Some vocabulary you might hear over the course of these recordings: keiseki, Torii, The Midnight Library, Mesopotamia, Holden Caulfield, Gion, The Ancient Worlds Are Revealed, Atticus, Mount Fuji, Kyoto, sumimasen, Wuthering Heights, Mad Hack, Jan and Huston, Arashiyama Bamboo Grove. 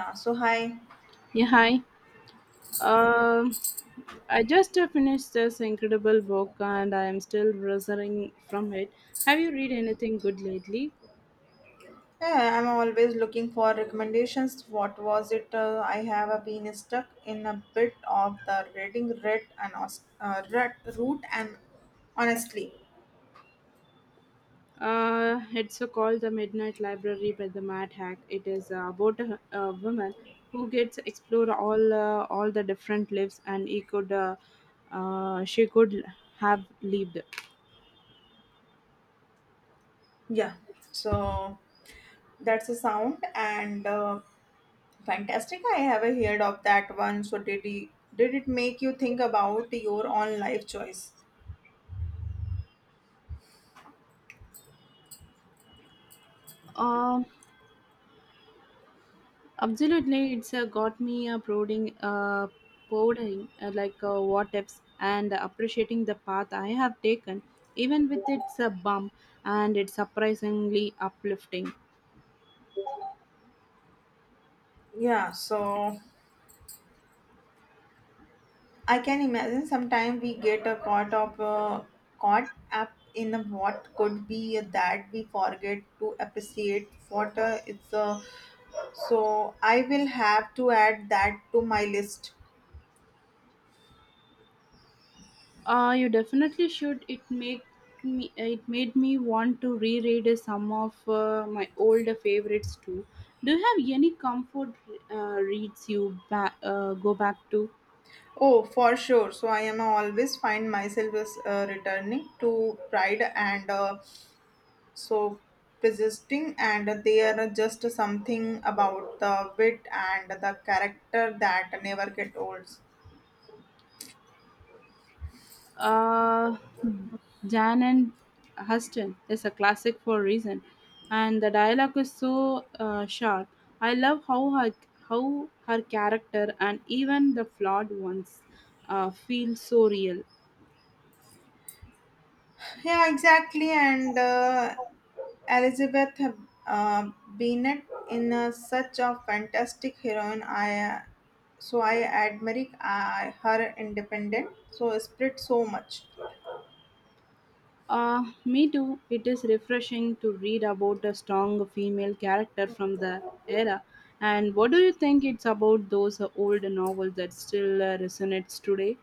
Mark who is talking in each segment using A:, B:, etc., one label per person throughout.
A: So hi,
B: Yeah, hi. Um, I just finished this incredible book and I am still recovering from it. Have you read anything good lately?
A: yeah, I'm always looking for recommendations. What was it? I have been stuck in a bit of the reading rut root and honestly,
B: It's called The Midnight Library by the Mad Hack. It is about a woman who gets explore all the different lives and he could she could have lived.
A: yeah. So that's a sound and fantastic. I have heard of that one. So did it make you think about your own life choice?
B: Um, Absolutely, it's got me brooding, pouring like what ifs, and appreciating the path I have taken, even with its bump, and it's surprisingly uplifting.
A: Yeah. So I can imagine sometimes we get a caught up in a what could be that we forget to appreciate what it's. So I will have to add that to my list.
B: You definitely should. It make me. It made me want to reread some of my older favorites too. Do you have any comfort reads you go back to?
A: Oh, for sure. So I am always find myself as returning to pride and so persisting, and they are just something about the wit and the character that never get old.
B: Uh, Jan and Huston is a classic for a reason, and the dialogue is so sharp. I love how her character and even the flawed ones feel so real.
A: Yeah, exactly. And Elizabeth uh, Bennet in a, such a fantastic heroine. I I admire her independent so spirit so much.
B: Me too. It is refreshing to read about a strong female character from the era. And what do you think it's about those old novels that still resonates today?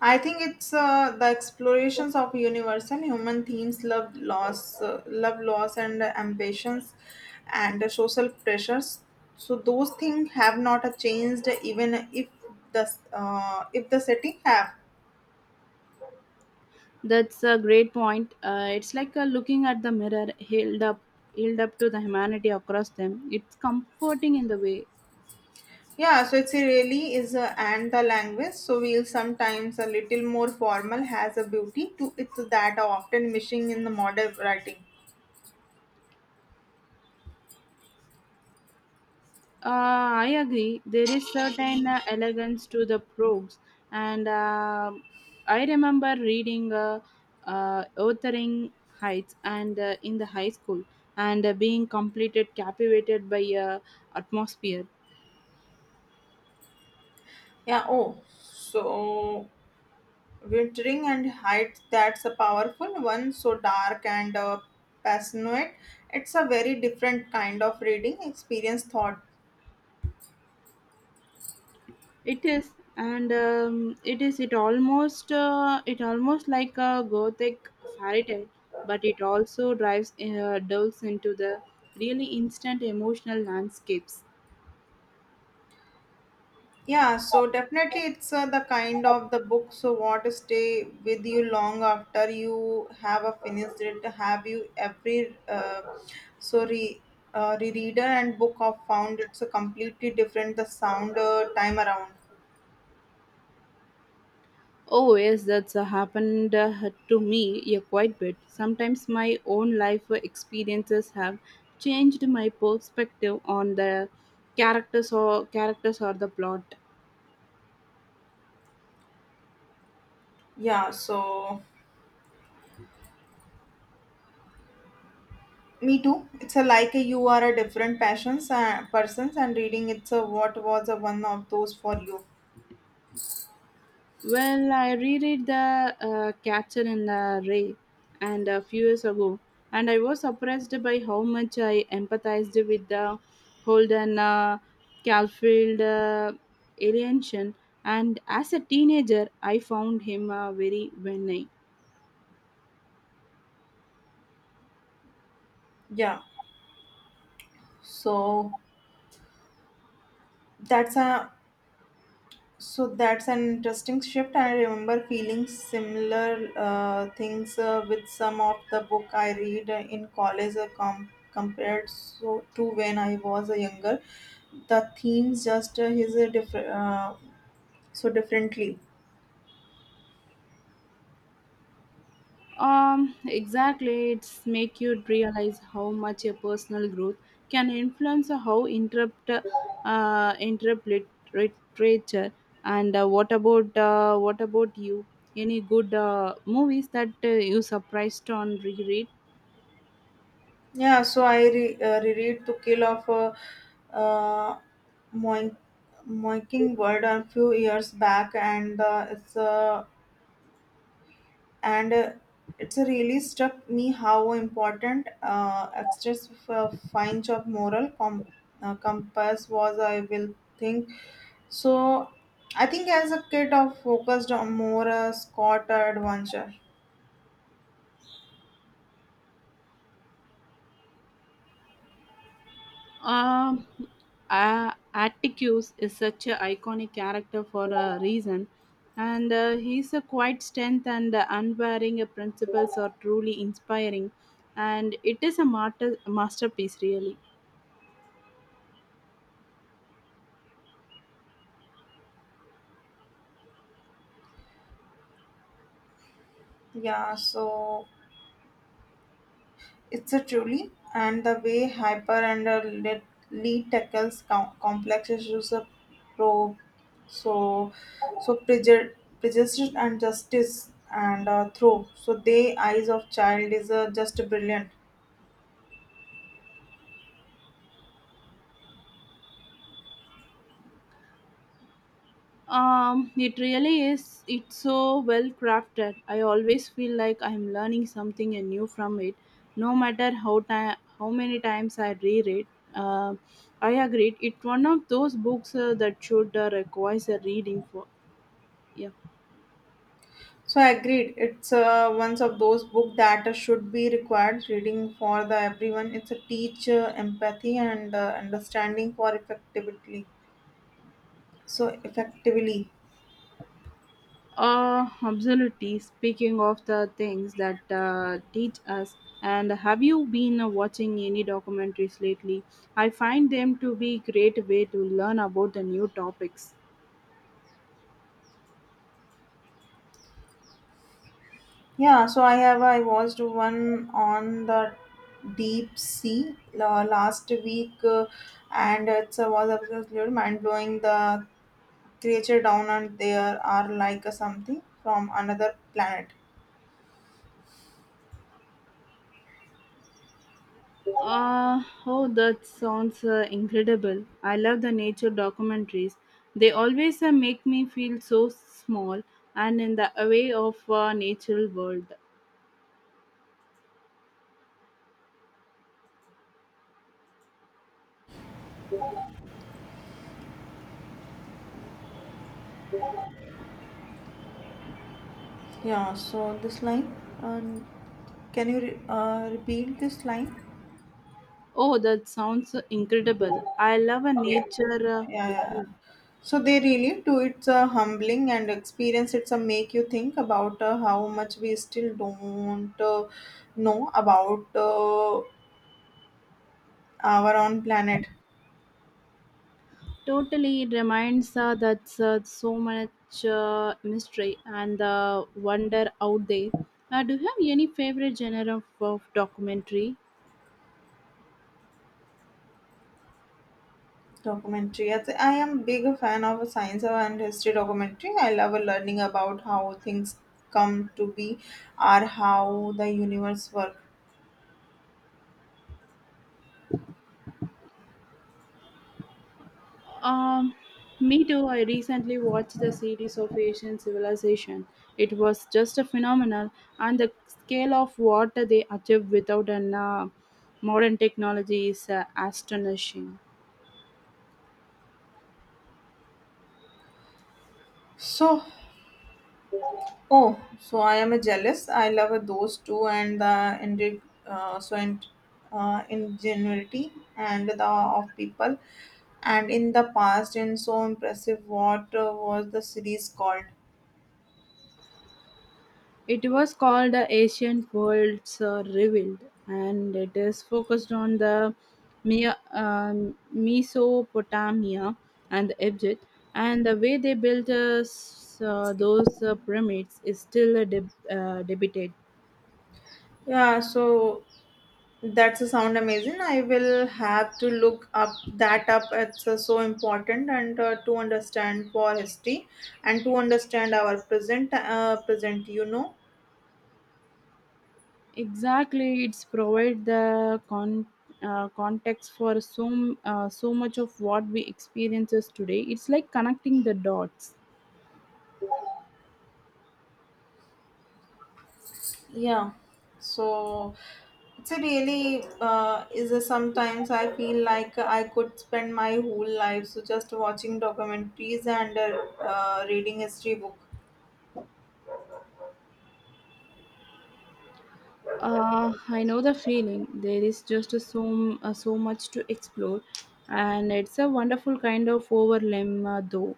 A: I think it's the explorations of universe and human themes, love, loss, and ambitions, and social pressures. So those things have not changed even if the setting have.
B: That's a great point. It's like looking at the mirror held up to the humanity across them. It's comforting in the way.
A: Yeah, so it's a really is a and the language. So we'll sometimes a little more formal has a beauty to it that are often missing in the modern writing.
B: I agree. There is certain elegance to the prose, and I remember reading Wuthering Heights and in the high school, and being completed captivated by atmosphere.
A: Yeah, oh, so wintering and height, that's a powerful one. So dark and passionate. It's a very different kind of reading experience thought.
B: It is, and it is. It almost like a gothic fairy tale, but it also drives delves into the really instant emotional landscapes.
A: Yeah, so definitely it's the kind of the book so what stay with you long after you have a finished it. Have you so re, rereader and book of found it's a completely different the sound time around.
B: Oh yes, that's happened to me a quite bit. Sometimes my own life experiences have changed my perspective on the characters or the plot.
A: Yeah, so me too. It's a like a, you are a different passions persons and reading it's a what was a one of those for you.
B: Well, I reread The Catcher in the Rye and a few years ago, and I was surprised by how much I empathized with the Holden Caulfield alienation. And as a teenager, I found him very villain.
A: Yeah. So that's a So that's an interesting shift. I remember feeling similar things with some of the book I read in college compared so to when I was a younger. The themes just is a different so differently.
B: Exactly. It's make you realize how much a personal growth can influence how uh, interrupt lit- literature. And what about you? Any good movies that you surprised on reread?
A: Yeah, so I reread To Kill of a uh, Moink- Mockingbird a few years back, and it's a really struck me how important extras for finds of moral compass was. I will think, so I think as a kid I focused on more scott adventure.
B: Um, Atticus is such an iconic character for a reason, and his quiet strength and unwearing principles are truly inspiring, and it is a masterpiece, really.
A: Yeah, so it's a truly and the way hyper and lead tackles complex issues of so so preju- prejudice and justice and through so they eyes of child is just brilliant.
B: It really is. It's so well crafted. I always feel like I'm learning something new from it, no matter how many times I reread. Uh, I agree. It's one of those books that should requires a reading for. Yeah.
A: So I agreed it's one of those book that should be required reading for the everyone. It's a teach empathy and understanding for effectively so effectively.
B: Absolutely. Speaking of the things that teach us, and have you been watching any documentaries lately? I find them to be great way to learn about the new topics.
A: Yeah, so I watched one on the deep sea last week, and it was absolutely mind blowing. The creature down and there are like a something from another planet.
B: Oh, that sounds incredible. I love the nature documentaries. They always make me feel so small and in the way of natural world.
A: Yeah, so this line, and can you repeat this line?
B: Oh, that sounds incredible. I love a
A: Okay,
B: nature
A: yeah, yeah, yeah. So they really do. It's a humbling and experience. It's a make you think about how much we still don't know about our own planet.
B: Totally, it reminds us that so much mystery and wonder out there. Do you have any favorite genre of documentary?
A: Documentary. Yes, I am big fan of science and history documentary. I love learning about how things come to be or how the universe works.
B: Um, Me too. I recently watched the series of Asian Civilization. It was just a phenomenal, and the scale of what they achieved without an modern technology is astonishing.
A: So, oh, so I am jealous. I love those two and the indeed, so and ingenuity and the of people. And in the past, and so impressive. What was the series called?
B: It was called The Ancient Worlds Are Revealed, and it is focused on the Mesopotamia and the Egypt, and the way they built s- those pyramids is still debated.
A: Yeah, so that's a sound amazing. I will have to look up that up. It's so important and to understand for history and to understand our present. You know,
B: Exactly, it's provide the context for so much of what we experiences today. It's like connecting the dots.
A: yeah. So it's a really is a sometimes I feel like I could spend my whole life so just watching documentaries and reading history book.
B: I know the feeling. There is just so much to explore, and it's a wonderful kind of overwhelm, though.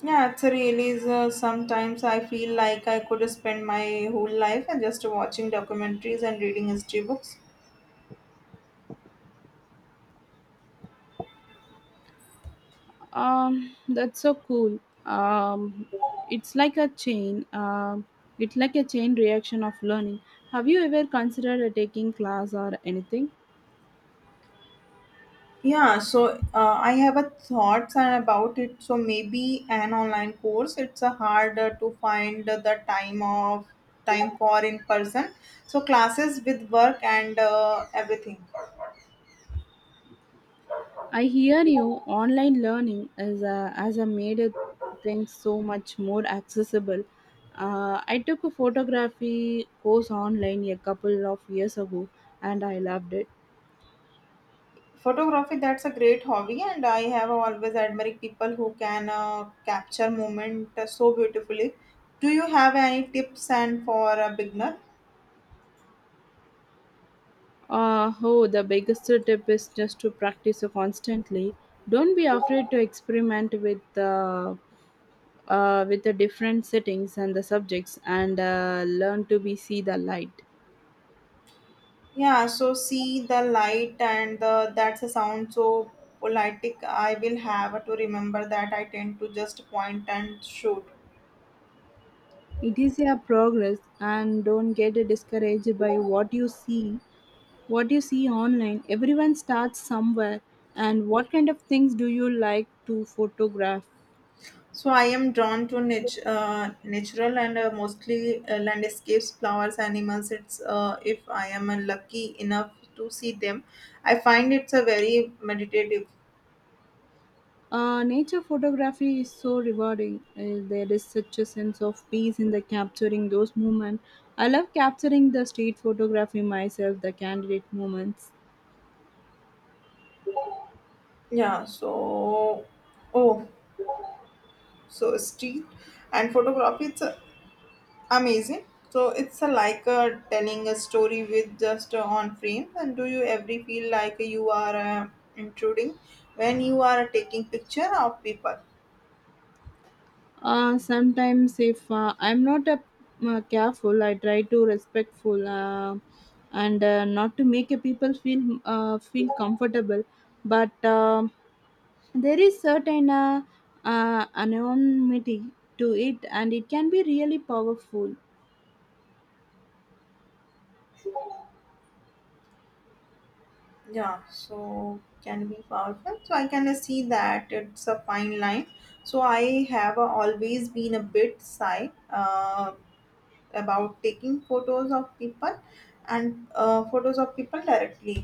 A: Yeah, it's a really sometimes I feel like I could spend my whole life and just watching documentaries and reading history books.
B: That's so cool. Um, it's like a chain. Um, it's like a chain reaction of learning. Have you ever considered taking class or anything?
A: Yeah, so I have a thoughts about it. So maybe an online course. It's a hard to find the time for in person. So classes with work and everything.
B: I hear you. Online learning as a made it things so much more accessible. I took a photography course online a couple of years ago, and I loved it.
A: Photography, that's a great hobby, and I have always admired people who can capture moment so beautifully. Do you have any tips and for a beginner?
B: Oh, the biggest tip is just to practice constantly. Don't be afraid to experiment with the different settings and the subjects, and learn to be see the light.
A: Yeah, so see the light and the, that's a sound so politic. I will have to remember that. I tend to just point and shoot.
B: It is a progress, and don't get discouraged by what you see online. Everyone starts somewhere. And what kind of things do you like to photograph?
A: So I am drawn to natural and mostly landscapes, flowers, animals. It's if I am lucky enough to see them, I find it's a very meditative.
B: Nature photography is so rewarding. There is such a sense of peace in the capturing those moments. I love capturing the street photography myself, the candidate moments.
A: Yeah. So oh, so street and photography. It's amazing. So it's like telling a story with just on frame. And do you ever feel like you are intruding when you are taking picture of people?
B: Sometimes if I'm not a, careful, I try to respectful and not to make a people feel comfortable. But there is certain anonymity to it, and it can be really powerful.
A: Yeah, so can be powerful. So I can see that it's a fine line. So I have always been a bit shy about taking photos of people and photos of people directly.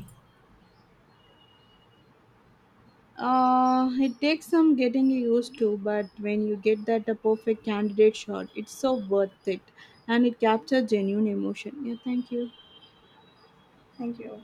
B: It takes some getting used to, but when you get that a perfect candidate shot, it's so worth it, and it captures genuine emotion. Yeah, thank you.
A: Thank you.